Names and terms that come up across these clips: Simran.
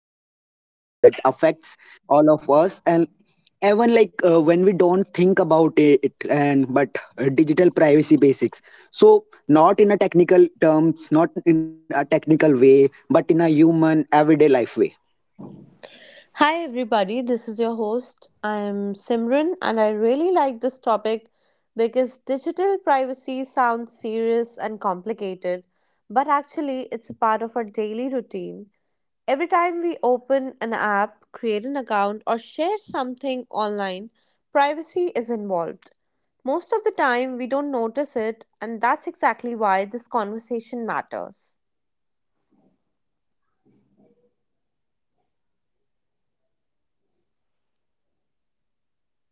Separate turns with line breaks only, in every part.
are discussing something that affects all of us, and even when we don't think about it, it and but digital privacy basics. So not in a technical terms, not in a technical way, but in a human everyday life way.
Hi, everybody. This is your host. I am Simran, and I really like this topic because digital privacy sounds serious and complicated, but actually, it's a part of our daily routine. Every time we open an app, create an account, or share something online, privacy is involved. Most of the time, we don't notice it, and that's exactly why this conversation matters.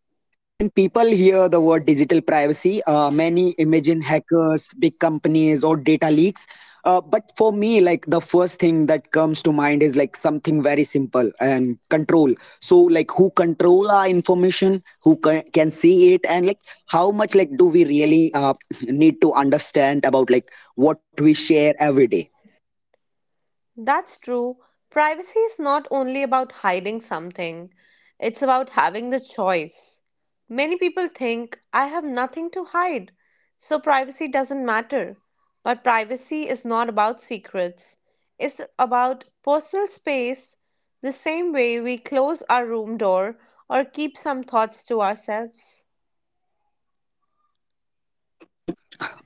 When people hear the word digital privacy, many imagine hackers, big companies, or data leaks. But for me, like the first thing that comes to mind is like something very simple and control. So, like who control our information, can see it, and like how much like do we really need to understand about like what we share every day?
That's true. Privacy is not only about hiding something, it's about having the choice. Many people think, I have nothing to hide, so privacy doesn't matter. But privacy is not about secrets, it's about personal space, the same way we close our room door or keep some thoughts to ourselves.
uh,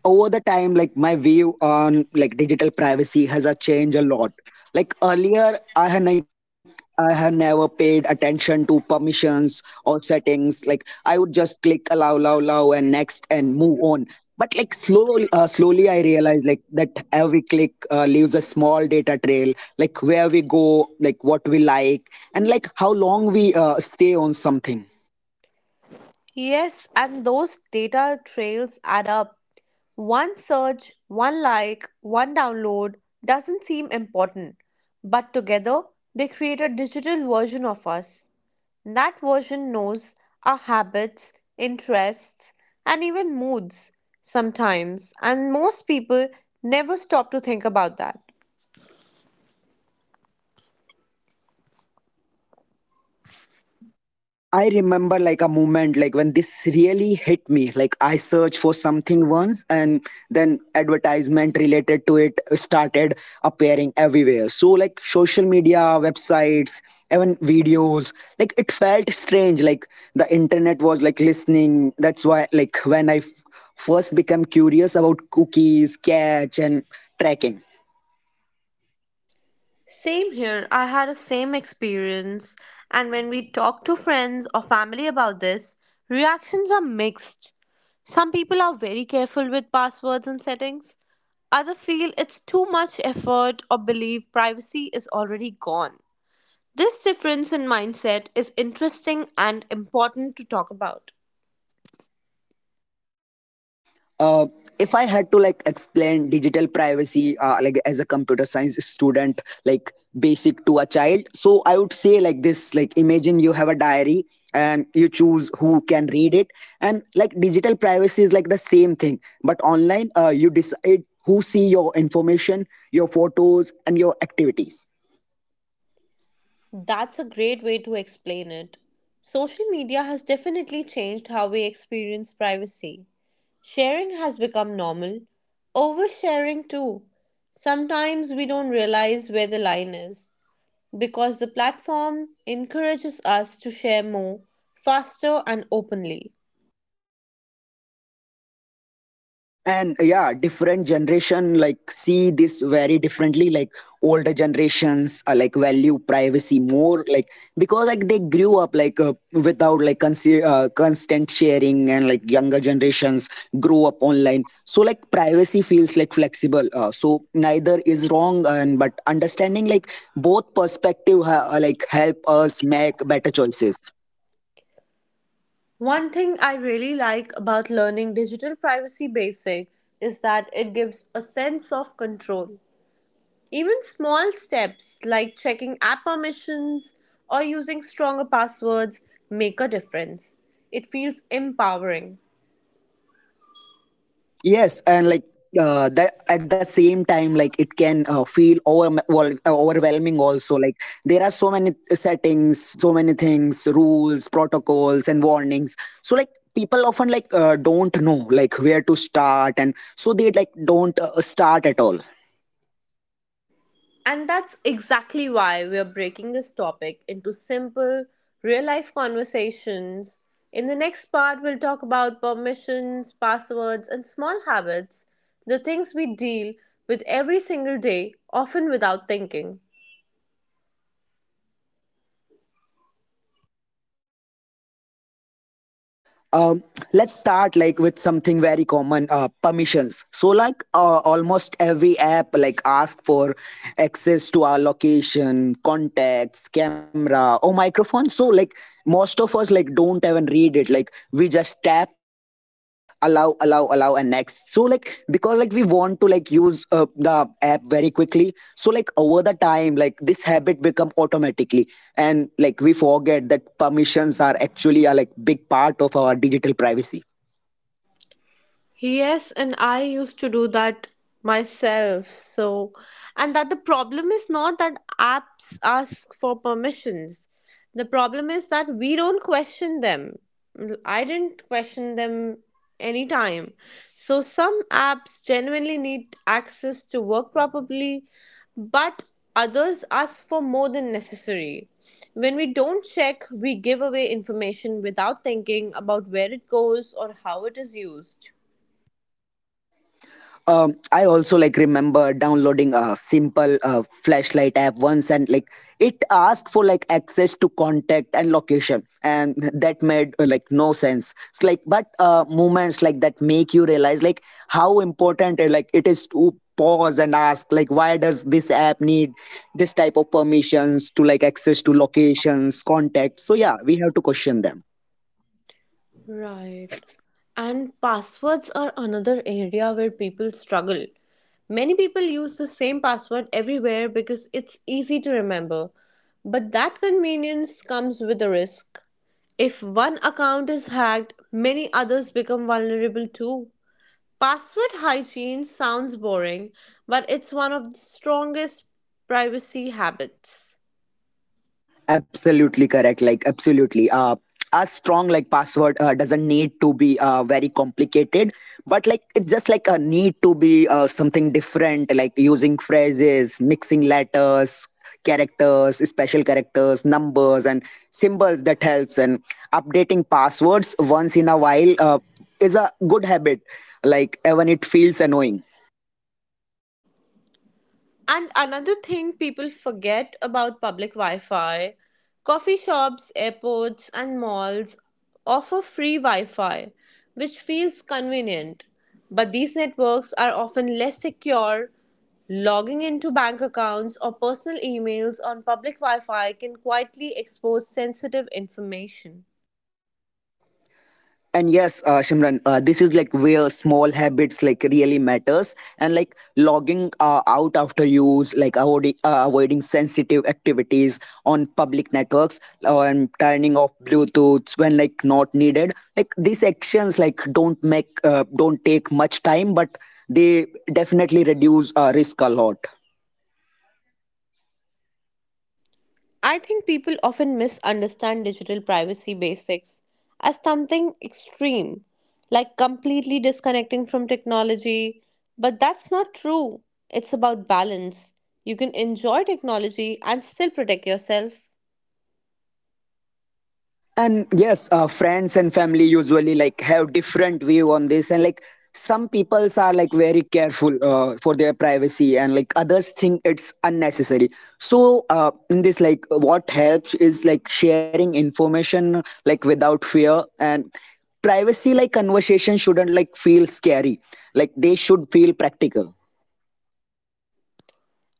Over the time like my view on like digital privacy has changed a lot, like earlier I had like I had never paid attention to permissions or settings like I would just click allow allow allow and next and move on but like slowly slowly I realized like that every click leaves a small data trail, like where we go, like what we like, and like how long we stay on something.
Yes, and those data trails add up. One search, one like, one download doesn't seem important, but together they create a digital version of us. That version knows our habits, interests, and even moods sometimes, and most people never stop to think about that.
I remember like a moment like when this really hit me. Like I searched for something once, and then advertisement related to it started appearing everywhere. So like social media, websites, even videos. Like it felt strange. Like the internet was like listening. That's why like first became curious about cookies, catch and tracking.
Same here, I had a same experience, and when we talk to friends or family about this, reactions are mixed. Some people are very careful with passwords and settings. Others feel it's too much effort or believe privacy is already gone. This difference in mindset is interesting and important to talk about.
Uh, if I had to like explain digital privacy, like as a computer science student, like basic to a child, so I would say like this: like imagine you have a diary and you choose who can read it, and like digital privacy is like the same thing, but online, you decide who see your information, your photos, and your activities.
That's a great way to explain it. Social media has definitely changed how we experience privacy. Sharing has become normal, oversharing too. Sometimes we don't realize where the line is because the platform encourages us to share more, faster, and openly.
And yeah, different generation like see this very differently, like older generations are like value privacy more, like because like they grew up without constant sharing, and like younger generations grew up online, so like privacy feels like flexible, so neither is wrong and but understanding like both perspective like help us make better choices.
One thing I really like about learning digital privacy basics is that it gives a sense of control. Even small steps like checking app permissions or using stronger passwords make a difference. It feels empowering.
Yes, and that at the same time, like it can uh, feel overwhelming. Also, like there are so many settings, so many things, rules, protocols, and warnings. So like people often don't know like where to start, and so they like don't start at all.
And that's exactly why we're breaking this topic into simple, real life conversations. In the next part, we'll talk about permissions, passwords, and small habits, the things we deal with every single day, often without thinking.
Um, let's start like with something very common, permissions. So almost every app like ask for access to our location, contacts, camera or microphone. So like most of us like don't even read it, like we just tap tap allow allow allow and next, so like because like we want to like use the app very quickly, so like over the time like this habit become automatically, and like we forget that permissions are actually a like big part of our digital privacy.
Yes, and I used to do that myself. So, and that the problem is not that apps ask for permissions. The problem is that we don't question them. I didn't question them anytime. So, some apps genuinely need access to work properly, but others ask for more than necessary. When we don't check, we give away information without thinking about where it goes or how it is used.
I also like remember downloading a simple flashlight app once, and like it asked for like access to contact and location, and that made like no sense. It's like but moments like that make you realize like how important like it is to pause and ask like why does this app need this type of permissions to like access to locations, contact. So yeah, we have to question them.
Right. And passwords are another area where people struggle. Many people use the same password everywhere because it's easy to remember. But that convenience comes with a risk. If one account is hacked, many others become vulnerable too. Password hygiene sounds boring, but it's one of the strongest privacy habits.
Absolutely correct. Like absolutely. A strong like password doesn't need to be very complicated, but like it just like a need to be something different, like using phrases, mixing letters, characters, special characters, numbers, and symbols that helps. And updating passwords once in a while is a good habit. Like even it feels annoying.
And another thing people forget about public Wi Fi: coffee shops, airports, and malls offer free Wi Fi, which feels convenient. But these networks are often less secure. Logging into bank accounts or personal emails on public Wi Fi can quietly expose sensitive information.
And yes, Shimran, this is like where small habits like really matters, and like logging out after use, like avoiding sensitive activities on public networks, and turning off bluetooths when like not needed. Like these actions like don't take much time, but they definitely reduce risk a lot.
I think people often misunderstand digital privacy basics as something extreme, like completely disconnecting from technology. But that's not true. It's about balance. You can enjoy technology and still protect yourself.
And yes, friends and family usually like have different view on this, and like some peoples are like very careful for their privacy, and like others think it's unnecessary. So in this, like what helps is like sharing information like without fear, and privacy like conversation shouldn't like feel scary, like they should feel practical.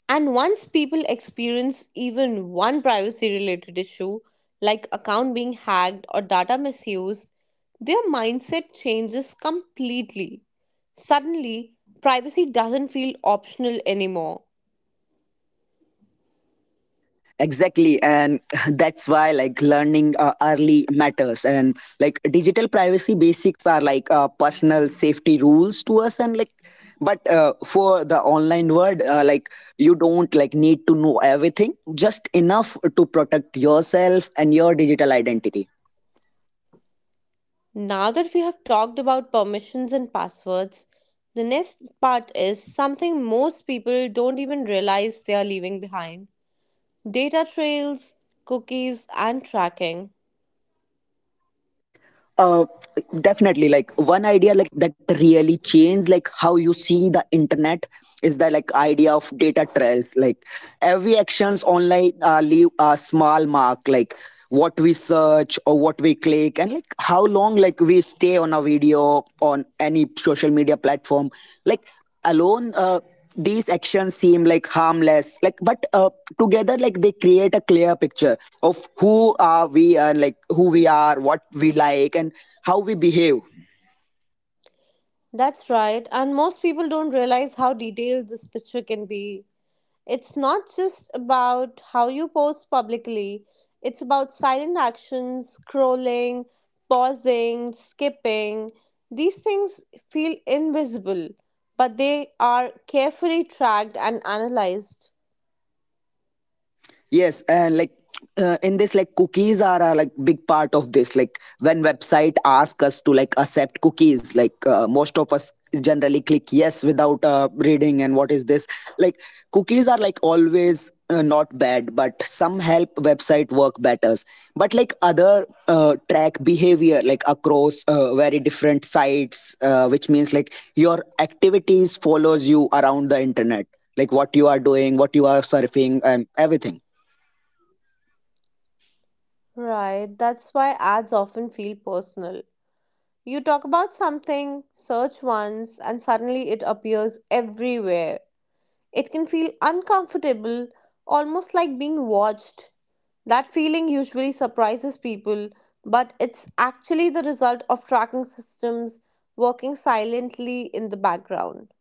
And once people experience even one privacy related issue, like account being hacked or data misuse, their mindset changes completely. Suddenly, privacy doesn't feel optional anymore.
Exactly, and that's why like learning early matters, and like digital privacy basics are like personal safety rules to us, and like but for the online world, like you don't like need to know everything, just enough to protect yourself and your digital identity.
Now that we have talked about permissions and passwords, the next part is something most people don't even realize they are leaving behind: data trails, cookies, and tracking.
uh Definitely, like one idea like that really changed like how you see the internet is the like idea of data trails. Like every actions online leave a small mark, like what we search or what we click, and like how long like we stay on a video on any social media platform, like alone, these actions seem like harmless, like but together like they create a clear picture of who are we, and like who we are, what we like, and how we behave.
That's right, and most people don't realize how detailed this picture can be. It's not just about how you post publicly, it's about silent actions, scrolling, pausing, skipping. These things feel invisible, but they are carefully tracked and analyzed.
Yes, and like in this, like cookies are a like big part of this. Like when website ask us to like accept cookies, like most of us generally click yes without reading. And what is this? Like cookies are like always not bad, but some help website work better. But like other track behavior like across very different sites, which means like your activities follows you around the internet, like what you are doing, what you are surfing, and everything.
Right, that's why ads often feel personal. You talk about something, search once, and suddenly it appears everywhere. It can feel uncomfortable, almost like being watched. That feeling usually surprises people, but it's actually the result of tracking systems working silently in the background.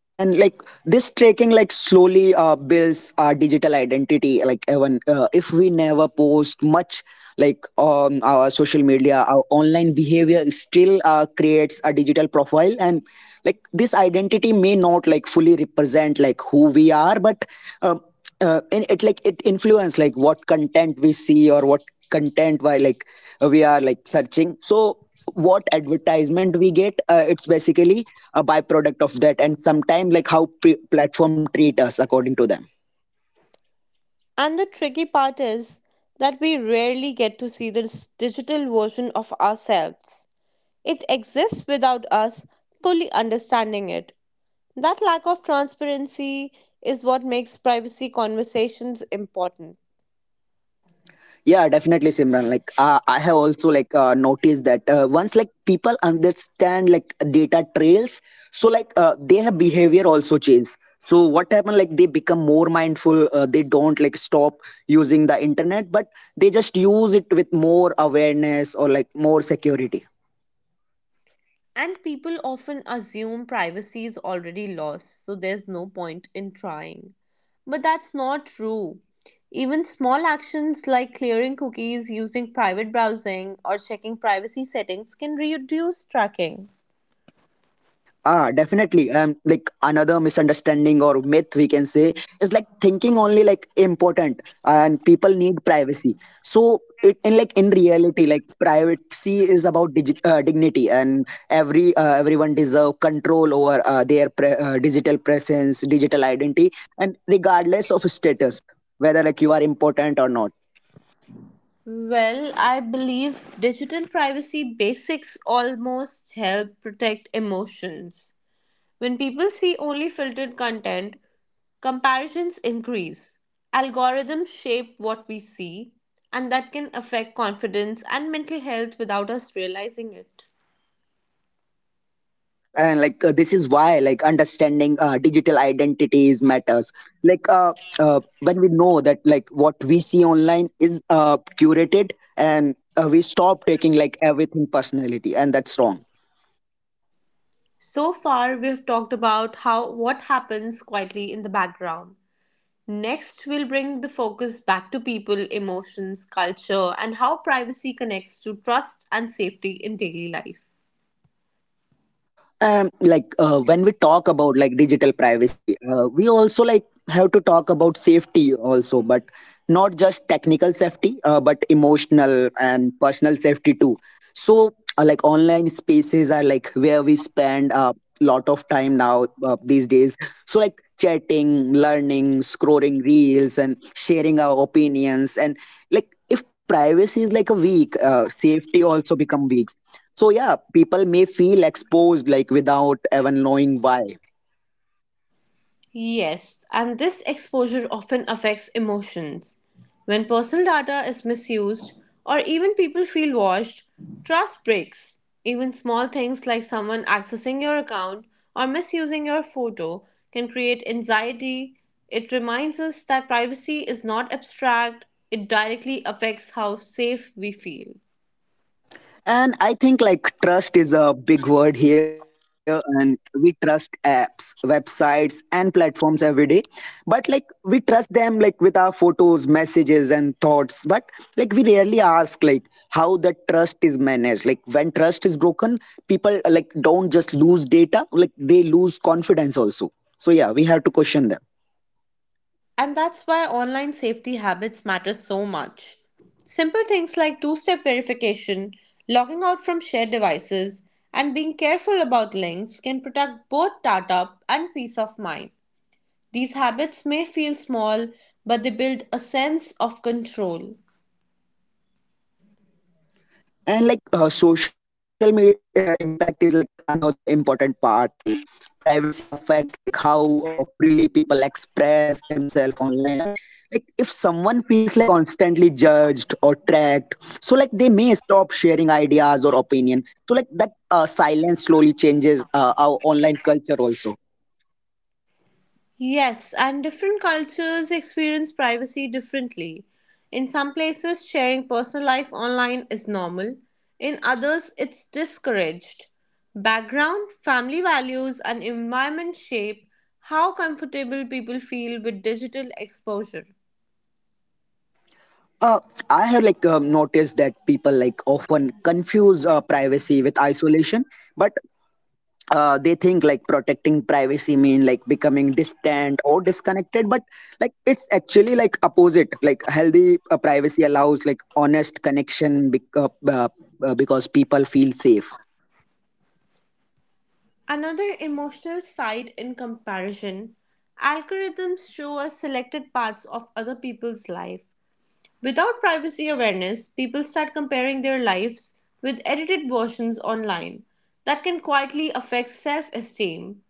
And like this tracking like slowly builds our digital identity, like even if we never post much like on our social media, our online behavior still creates a digital profile, and like this identity may not like fully represent like who we are, but um, and it like it influence like what content we see, or what content, why like we are like searching, so what advertisement we get, it's basically a byproduct of that, and sometime like platform treat us according to them.
And the tricky part is that we rarely get to see this digital version of ourselves. It exists without us fully understanding it. That lack of transparency is what makes privacy conversations important.
Yeah, definitely Simran, like I have also like noticed that once like people understand like data trails, so like their behavior also changes. So what happened, like they become more mindful. They don't like stop using the internet, but they just use it with more awareness or like more security.
And people often assume privacy is already lost, so there's no point in trying. But that's not true. Even small actions like clearing cookies, using private browsing, or checking privacy settings can reduce tracking.
Ah, definitely. Like another misunderstanding or myth we can say is like thinking only like important and people need privacy. So it, in like in reality, like privacy is about dignity, and every, everyone deserve control over digital presence, digital identity, and regardless of status, whether like you are important or not.
Well, I believe digital privacy basics almost help protect emotions. When people see only filtered content, comparisons increase. Algorithms shape what we see, and that can affect confidence and mental health without us realizing it.
Yes, and like this is why like understanding digital identities matters. Like when we know that like what we see online is curated, and we stop taking like everything personality, and that's wrong.
So far, we have talked about how what happens quietly in the background. Next, we'll bring the focus back to people, emotions, culture, and how privacy connects to trust and safety in daily life.
Like when we talk about like digital privacy, we also like have to talk about safety also, but not just technical safety, but emotional and personal safety too. So like online spaces are like where we spend a lot of time now, these days. So like chatting, learning, scrolling reels, and sharing our opinions, and like if privacy is like a weak, safety also become weak, so yeah, people may feel exposed like without even knowing why.
Yes, and this exposure often affects emotions. When personal data is misused or even people feel watched, trust breaks. Even small things like someone accessing your account or misusing your photo can create anxiety. It reminds us that privacy is not abstract, it directly affects how safe we feel.
And I think like trust is a big word here, and we trust apps, websites and platforms every day. But like we trust them like with our photos, messages and thoughts, but like we rarely ask like how the trust is managed. Like when trust is broken, people like don't just lose data, like they lose confidence also. So yeah, we have to question them.
And that's why online safety habits matter so much. Simple things like two step verification, logging out from shared devices, and being careful about links can protect both data and peace of mind. These habits may feel small, but they build a sense of control.
And like social media impact is like another important part, like privacy affects like how freely people express themselves online. And like if someone feels like constantly judged or tracked, so like they may stop sharing ideas or opinion, so like that silence slowly changes our online culture also.
Yes, and different cultures experience privacy differently. In some places, sharing personal life online is normal, in others, it's discouraged. Background, family values, and environment shape how comfortable people feel with digital exposure.
uh, I have like noticed that people like often confuse privacy with isolation, but they think like protecting privacy mean like becoming distant or disconnected, but like it's actually like opposite, like healthy privacy allows like honest connection because people feel safe.
Another emotional side in comparison: algorithms show us selected parts of other people's life. Without privacy awareness, people start comparing their lives with edited versions online that can quietly affect self esteem.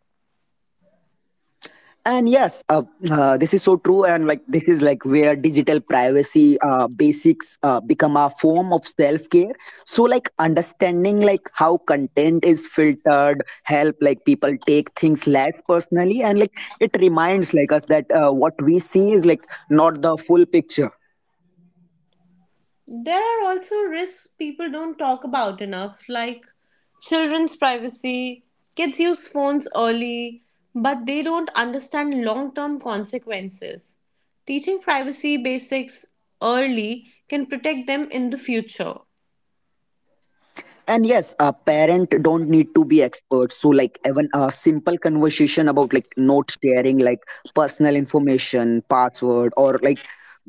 And yes, this is so true. And like this is like where digital privacy basics become a form of self care. So like understanding like how content is filtered help like people take things less personally, and like it reminds like us that what we see is like not the full picture.
There are also risks people don't talk about enough, like children's privacy. Kids use phones early, but they don't understand long term consequences. Teaching privacy basics early can protect them in the future.
And yes, a parent don't need to be experts, so like even a simple conversation about like note sharing, like personal information, password, or like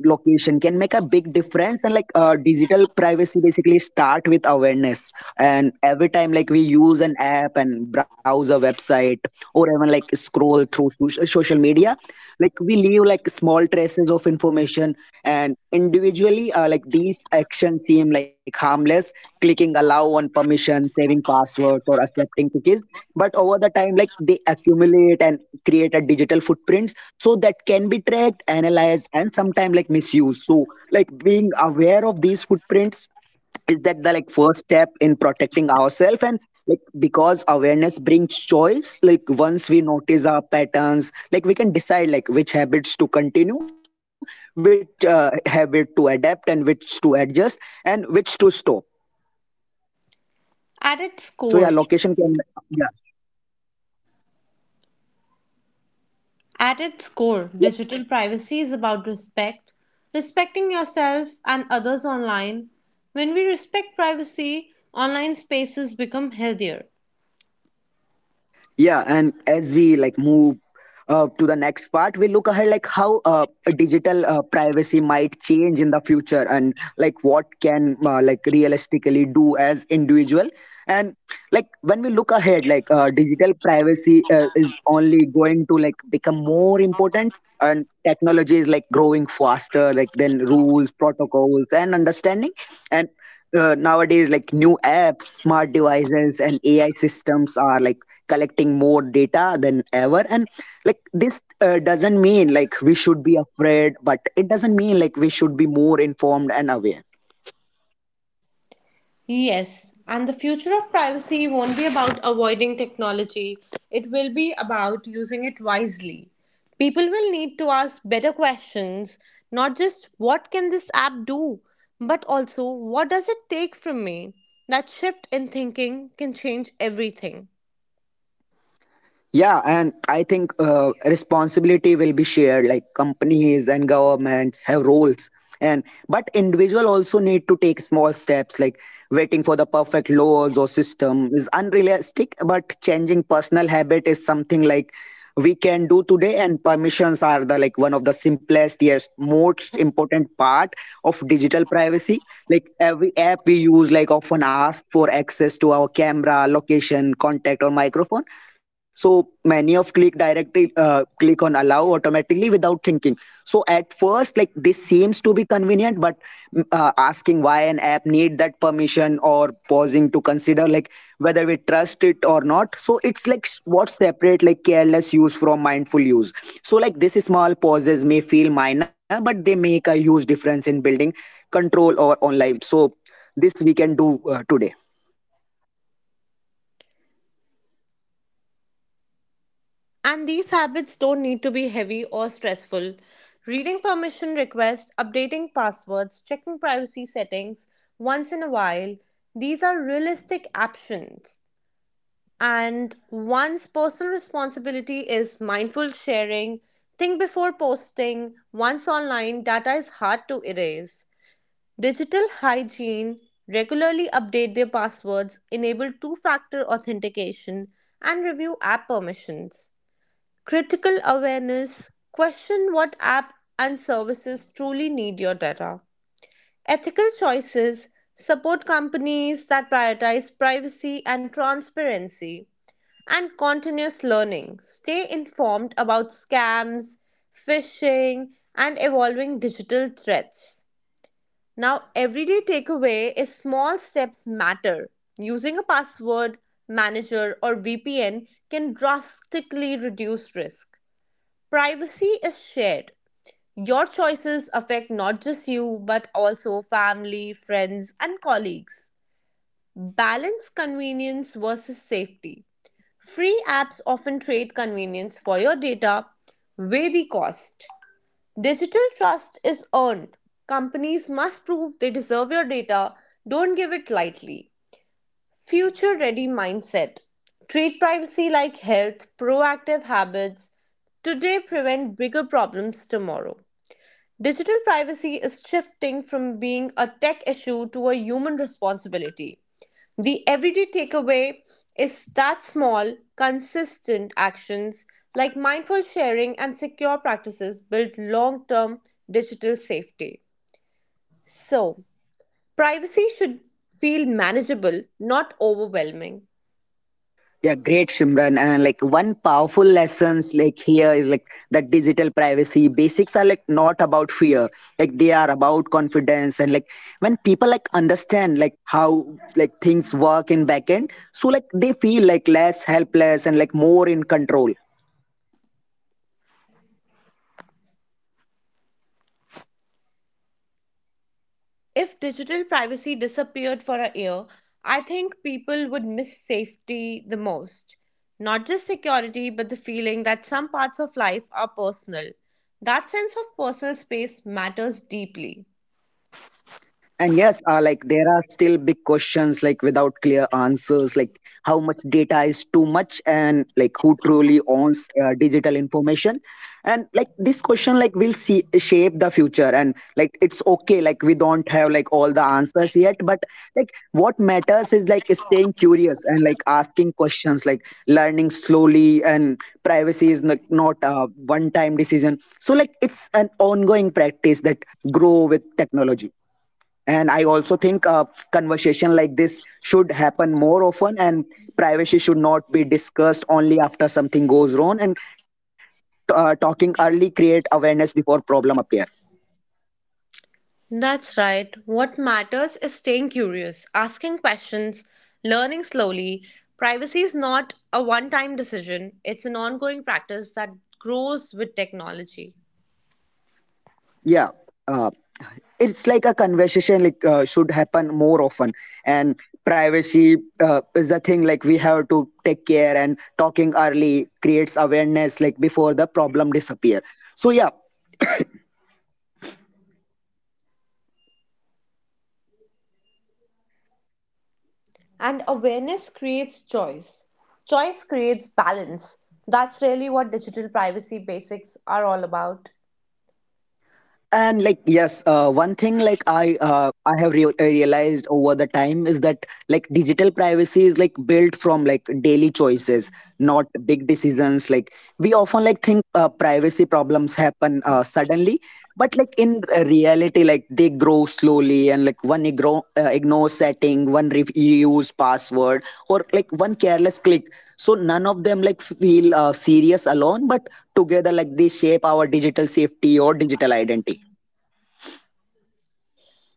location can make a big difference. And like digital privacy basically start with awareness, and every time like we use an app and browse a website or even like scroll through social media, like we leave like small traces of information. And individually like these actions seem like harmless, clicking allow on permission, saving passwords, or accepting cookies. But over the time, like they accumulate and create a digital footprints so that can be tracked, analyzed, and sometimes like misused. So like being aware of these footprints is that the like first step in protecting ourselves. And like because awareness brings choice, like once we notice our patterns, like we can decide like which habits to continue, which habit to adapt, and which to adjust, and which to stop.
At
So yeah,
its
location
core,
can, yeah.
At its core, digital privacy is about respect, respecting yourself and others online. When we respect privacy, online spaces become healthier.
Yeah, and as we like move to the next part, we look ahead like how digital privacy might change in the future, and like what can like realistically do as individual. And like when we look ahead, like digital privacy is only going to like become more important, and technology is like growing faster, like than rules, protocols, and understanding. And nowadays like new apps, smart devices, and AI systems are like collecting more data than ever. And like this doesn't mean like we should be afraid, but it doesn't mean like we should be more informed and aware.
Yes, and the future of privacy won't be about avoiding technology, it will be about using it wisely. People will need to ask better questions, not just what can this app do, but also what does it take from me? That shift in thinking can change everything.
Yeah, and I think responsibility will be shared, like companies and governments have roles. And but individual also need to take small steps, like waiting for the perfect laws or system is unrealistic, but changing personal habit is something like we can do today. And permissions are the like one of the simplest, yes, most important part of digital privacy. Like every app we use like often ask for access to our camera, location, contact, or microphone. So many of click directly automatically, click on allow automatically without thinking. So at first like this seems to be convenient, but asking why an app need that permission, or pausing to consider like whether we trust it or not, so it's like what separate like careless use from mindful use. So like this small pauses may feel minor, but they make a huge difference in building control or online. So this we can do today.
And these habits don't need to be heavy or stressful. Reading permission requests, updating passwords, checking privacy settings once in a while, these are realistic options. And one's personal responsibility is mindful sharing, think before posting, once online, data is hard to erase. Digital hygiene, regularly update their passwords, enable two factor authentication, and review app permissions. Critical awareness: question what app and services truly need your data. Ethical choices: support companies that prioritize privacy and transparency. And continuous learning: stay informed about scams, phishing, and evolving digital threats. Now, everyday takeaway is small steps matter. Using a password, manager, or VPN can drastically reduce risk. Privacy is shared. Your choices affect not just you, but also family, friends, and colleagues. Balance convenience versus safety. Free apps often trade convenience for your data, weigh the cost. Digital trust is earned. Companies must prove they deserve your data, don't give it lightly. Future ready mindset. Treat privacy like health, proactive habits today prevent bigger problems tomorrow. Digital privacy is shifting from being a tech issue to a human responsibility. The everyday takeaway is that small, consistent actions like mindful sharing and secure practices build long term digital safety. So, privacy should feel manageable, not overwhelming.
Yeah, great, Shimran. And like one powerful lessons like here is like that digital privacy basics are like not about fear. Like they are about confidence. And like when people like understand like how like things work in backend, so like they feel like less helpless and like more in control.
If digital privacy disappeared for a year, I think people would miss safety the most. Not just security, but the feeling that some parts of life are personal. That sense of personal space matters deeply.
And yes, like there are still big questions like without clear answers, like how much data is too much, and like who truly owns digital information. And like this question like will see shape the future. And like it's okay, like we don't have like all the answers yet, but like what matters is like staying curious and like asking questions, like learning slowly. And privacy is like not a one-time decision. So like it's an ongoing practice that grow with technology. And I also think conversation like this should happen more often, and privacy should not be discussed only after something goes wrong. And talking early create awareness before problem appear.
That's right. What matters is staying curious, asking questions, learning slowly. Privacy is not a one time decision, it's an ongoing practice that grows with technology.
Yeah, uh, it's like a conversation like should happen more often. And privacy is the thing like we have to take care, and talking early creates awareness like before the problem disappear. So yeah,
And awareness creates choice. Choice creates balance. That's really what digital privacy basics are all about.
and like yes, one thing like I have realized over the time is that like digital privacy is like built from like daily choices, not big decisions. Like we often like think privacy problems happen suddenly, but like in reality like they grow slowly, and like one ignore, ignore setting, one reuse password, or like one careless click. So none of them like feel serious alone, but together like they shape our digital safety or digital identity.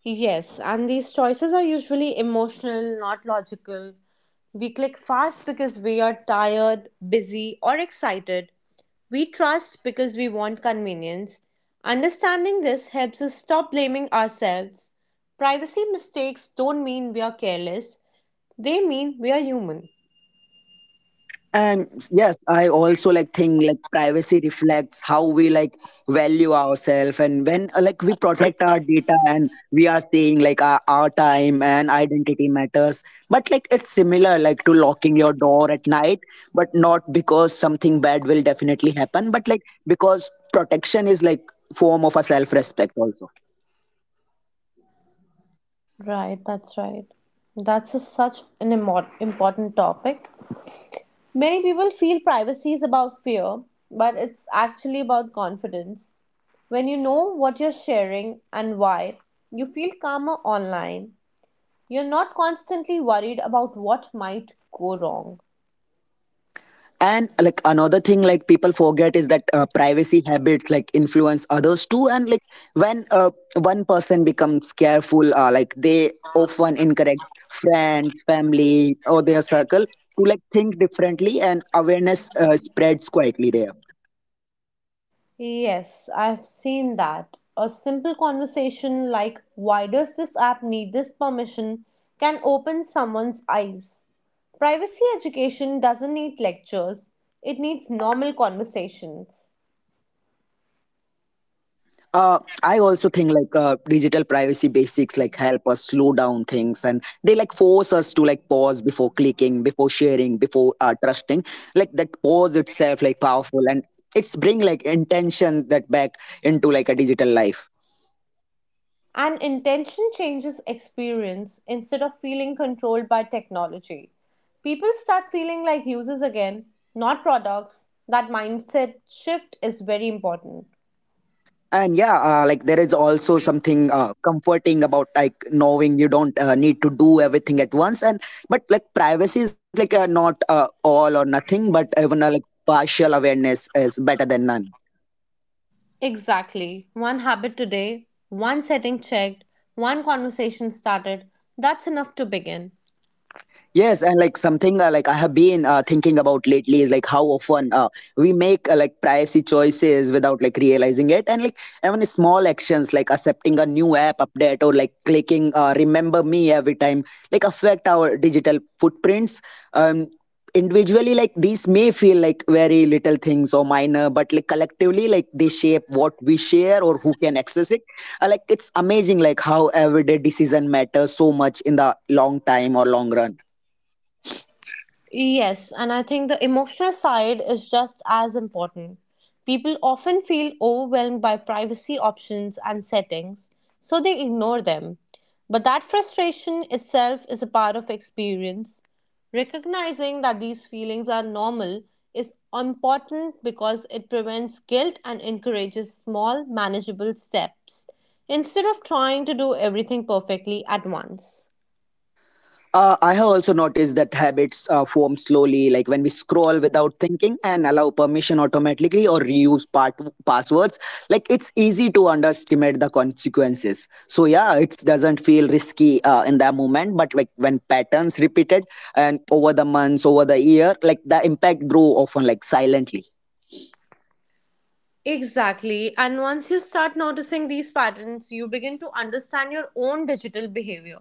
Yes, and these choices are usually emotional, not logical. We click fast because we are tired, busy, or excited. We trust because we want convenience. Understanding this helps us stop blaming ourselves. Privacy mistakes don't mean we are careless, they mean we are human.
And yes, I also like think like privacy reflects how we like value ourselves. And when like we protect our data, and we are saying like our time and identity matters. But like it's similar like to locking your door at night, but not because something bad will definitely happen, but like because protection is like form of a self-respect also.
Right, that's right. Such an important topic. Many people feel privacy is about fear, but it's actually about confidence. When you know what you're sharing and why, you feel calmer online. You're not constantly worried about what might go wrong.
And like another thing like people forget is that privacy habits like influence others too. And like when one person becomes careful, like they often encourage friends, family, or their circle to like think differently, and awareness spreads quietly there.
Yes, I've seen that. A simple conversation like, "Why does this app need this permission?" can open someone's eyes. Privacy education doesn't need lectures, it needs normal conversations.
Uh, I also think like digital privacy basics like help us slow down things, and they like force us to like pause before clicking, before sharing, before trusting. Like that pause itself like powerful, and it's bring like intention that back into like a digital life.
And intention changes experience. Instead of feeling controlled by technology, people start feeling like users again, not products. That mindset shift is very important.
And yeah, like there is also something comforting about like knowing you don't need to do everything at once. And but like privacy is like not all or nothing, but even like partial awareness is better than none.
Exactly. One habit today, one setting checked, one conversation started. That's enough to begin.
Yes, and like something like I have been thinking about lately is like how often we make like pricey choices without like realizing it. And like even small actions like accepting a new app update or like clicking "Remember Me" every time like affect our digital footprints. Um, Individually, like these may feel like very little things or minor, but like collectively, like they shape what we share or who can access it. Like it's amazing like how everyday decision matters so much in the long time or long run.
Yes, and I think the emotional side is just as important. People often feel overwhelmed by privacy options and settings, so they ignore them. But that frustration itself is a part of experience. Recognizing that these feelings are normal is important because it prevents guilt and encourages small, manageable steps instead of trying to do everything perfectly at once.
I have also noticed that habits form slowly, like when we scroll without thinking and allow permission automatically or reuse passwords. Like it's easy to underestimate the consequences. So yeah, it doesn't feel risky in that moment, but like when patterns repeated and over the months, over the year, like the impact grow often like silently.
Exactly. And once you start noticing these patterns, you begin to understand your own digital behavior.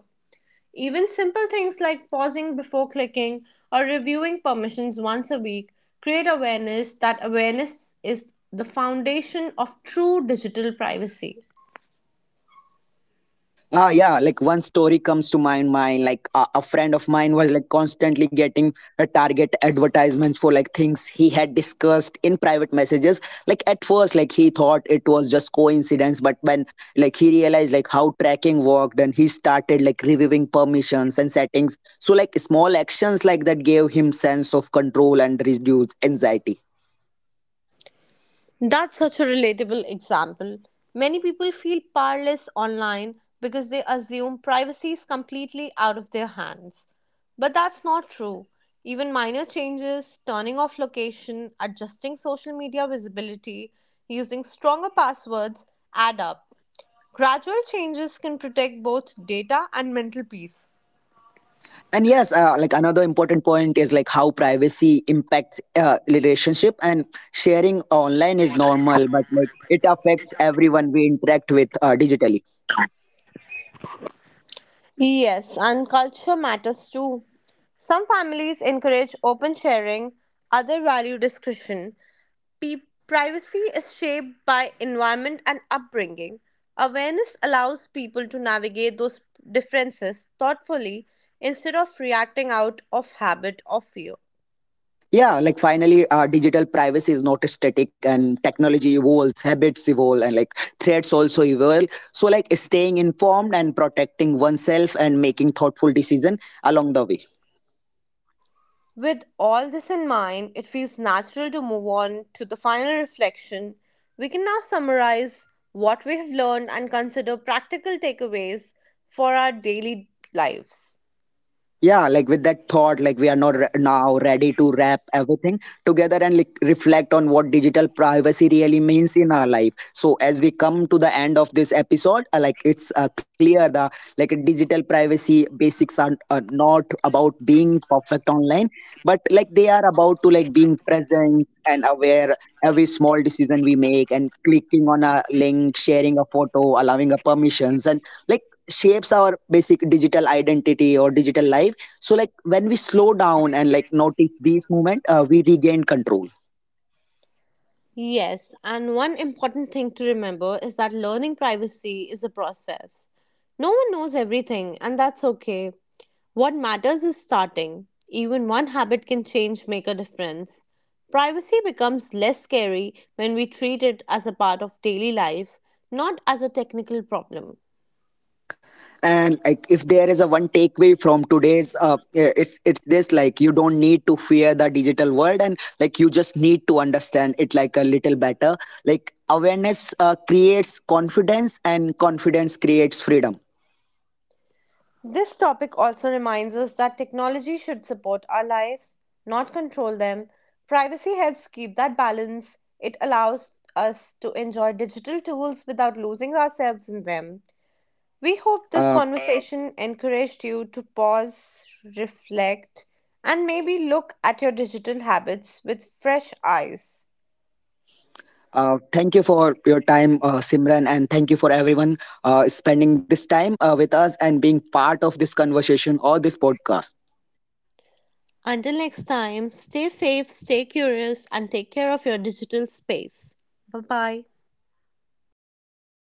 Even simple things like pausing before clicking or reviewing permissions once a week create awareness. That awareness is the foundation of true digital privacy.
Ah, yeah. Like one story comes to my mind. Like a friend of mine was like constantly getting a target advertisements for like things he had discussed in private messages. Like at first, like he thought it was just coincidence, but when like he realized like how tracking worked, and he started like reviewing permissions and settings. So like small actions like that gave him sense of control and reduced anxiety.
That's such a relatable example. Many people feel powerless online because they assume privacy is completely out of their hands. But that's not true. Even minor changes, turning off location, adjusting social media visibility, using stronger passwords, add up. Gradual changes can protect both data and mental peace.
And yes, like another important point is like how privacy impacts relationship, and sharing online is normal, but like it affects everyone we interact with digitally.
Yes, and culture matters too. Some families encourage open sharing, others value discretion. Privacy is shaped by environment and upbringing. Awareness allows people to navigate those differences thoughtfully instead of reacting out of habit or fear.
Yeah, like finally digital privacy is not static, and technology evolves, habits evolve, and like threats also evolve. So like staying informed and protecting oneself and making thoughtful decision along the way.
With all this in mind, it feels natural to move on to the final reflection. We can now summarize what we have learned and consider practical takeaways for our daily lives.
Yeah, like with that thought, like we are not re- now ready to wrap everything together and like reflect on what digital privacy really means in our life. So as we come to the end of this episode, like it's clear the like digital privacy basics are not about being perfect online, but like they are about to like being present and aware. Every small decision we make and clicking on a link, sharing a photo, allowing a permissions, and like shapes our basic digital identity or digital life. So like when we slow down and like notice these moment, we regain control.
Yes, and one important thing to remember is that learning privacy is a process. No one knows everything, and that's okay. What matters is starting. Even one habit can change, make a difference. Privacy becomes less scary when we treat it as a part of daily life, not as a technical problem.
And like if there is a one takeaway from today's, eh, it's this, like you don't need to fear the digital world, and like you just need to understand it like a little better. Like awareness creates confidence, and confidence creates freedom.
This topic also reminds us that technology should support our lives, not control them. Privacy helps keep that balance. It allows us to enjoy digital tools without losing ourselves in them. We hope this
Uh,
conversation encouraged you to pause, reflect, and maybe look at your digital habits with fresh eyes.
Thank you for your time, Simran, and thank you for everyone spending this time with us and being part of this conversation or this podcast.
Until next time, stay safe, stay curious, and take care of your digital space. Bye bye.
Bye.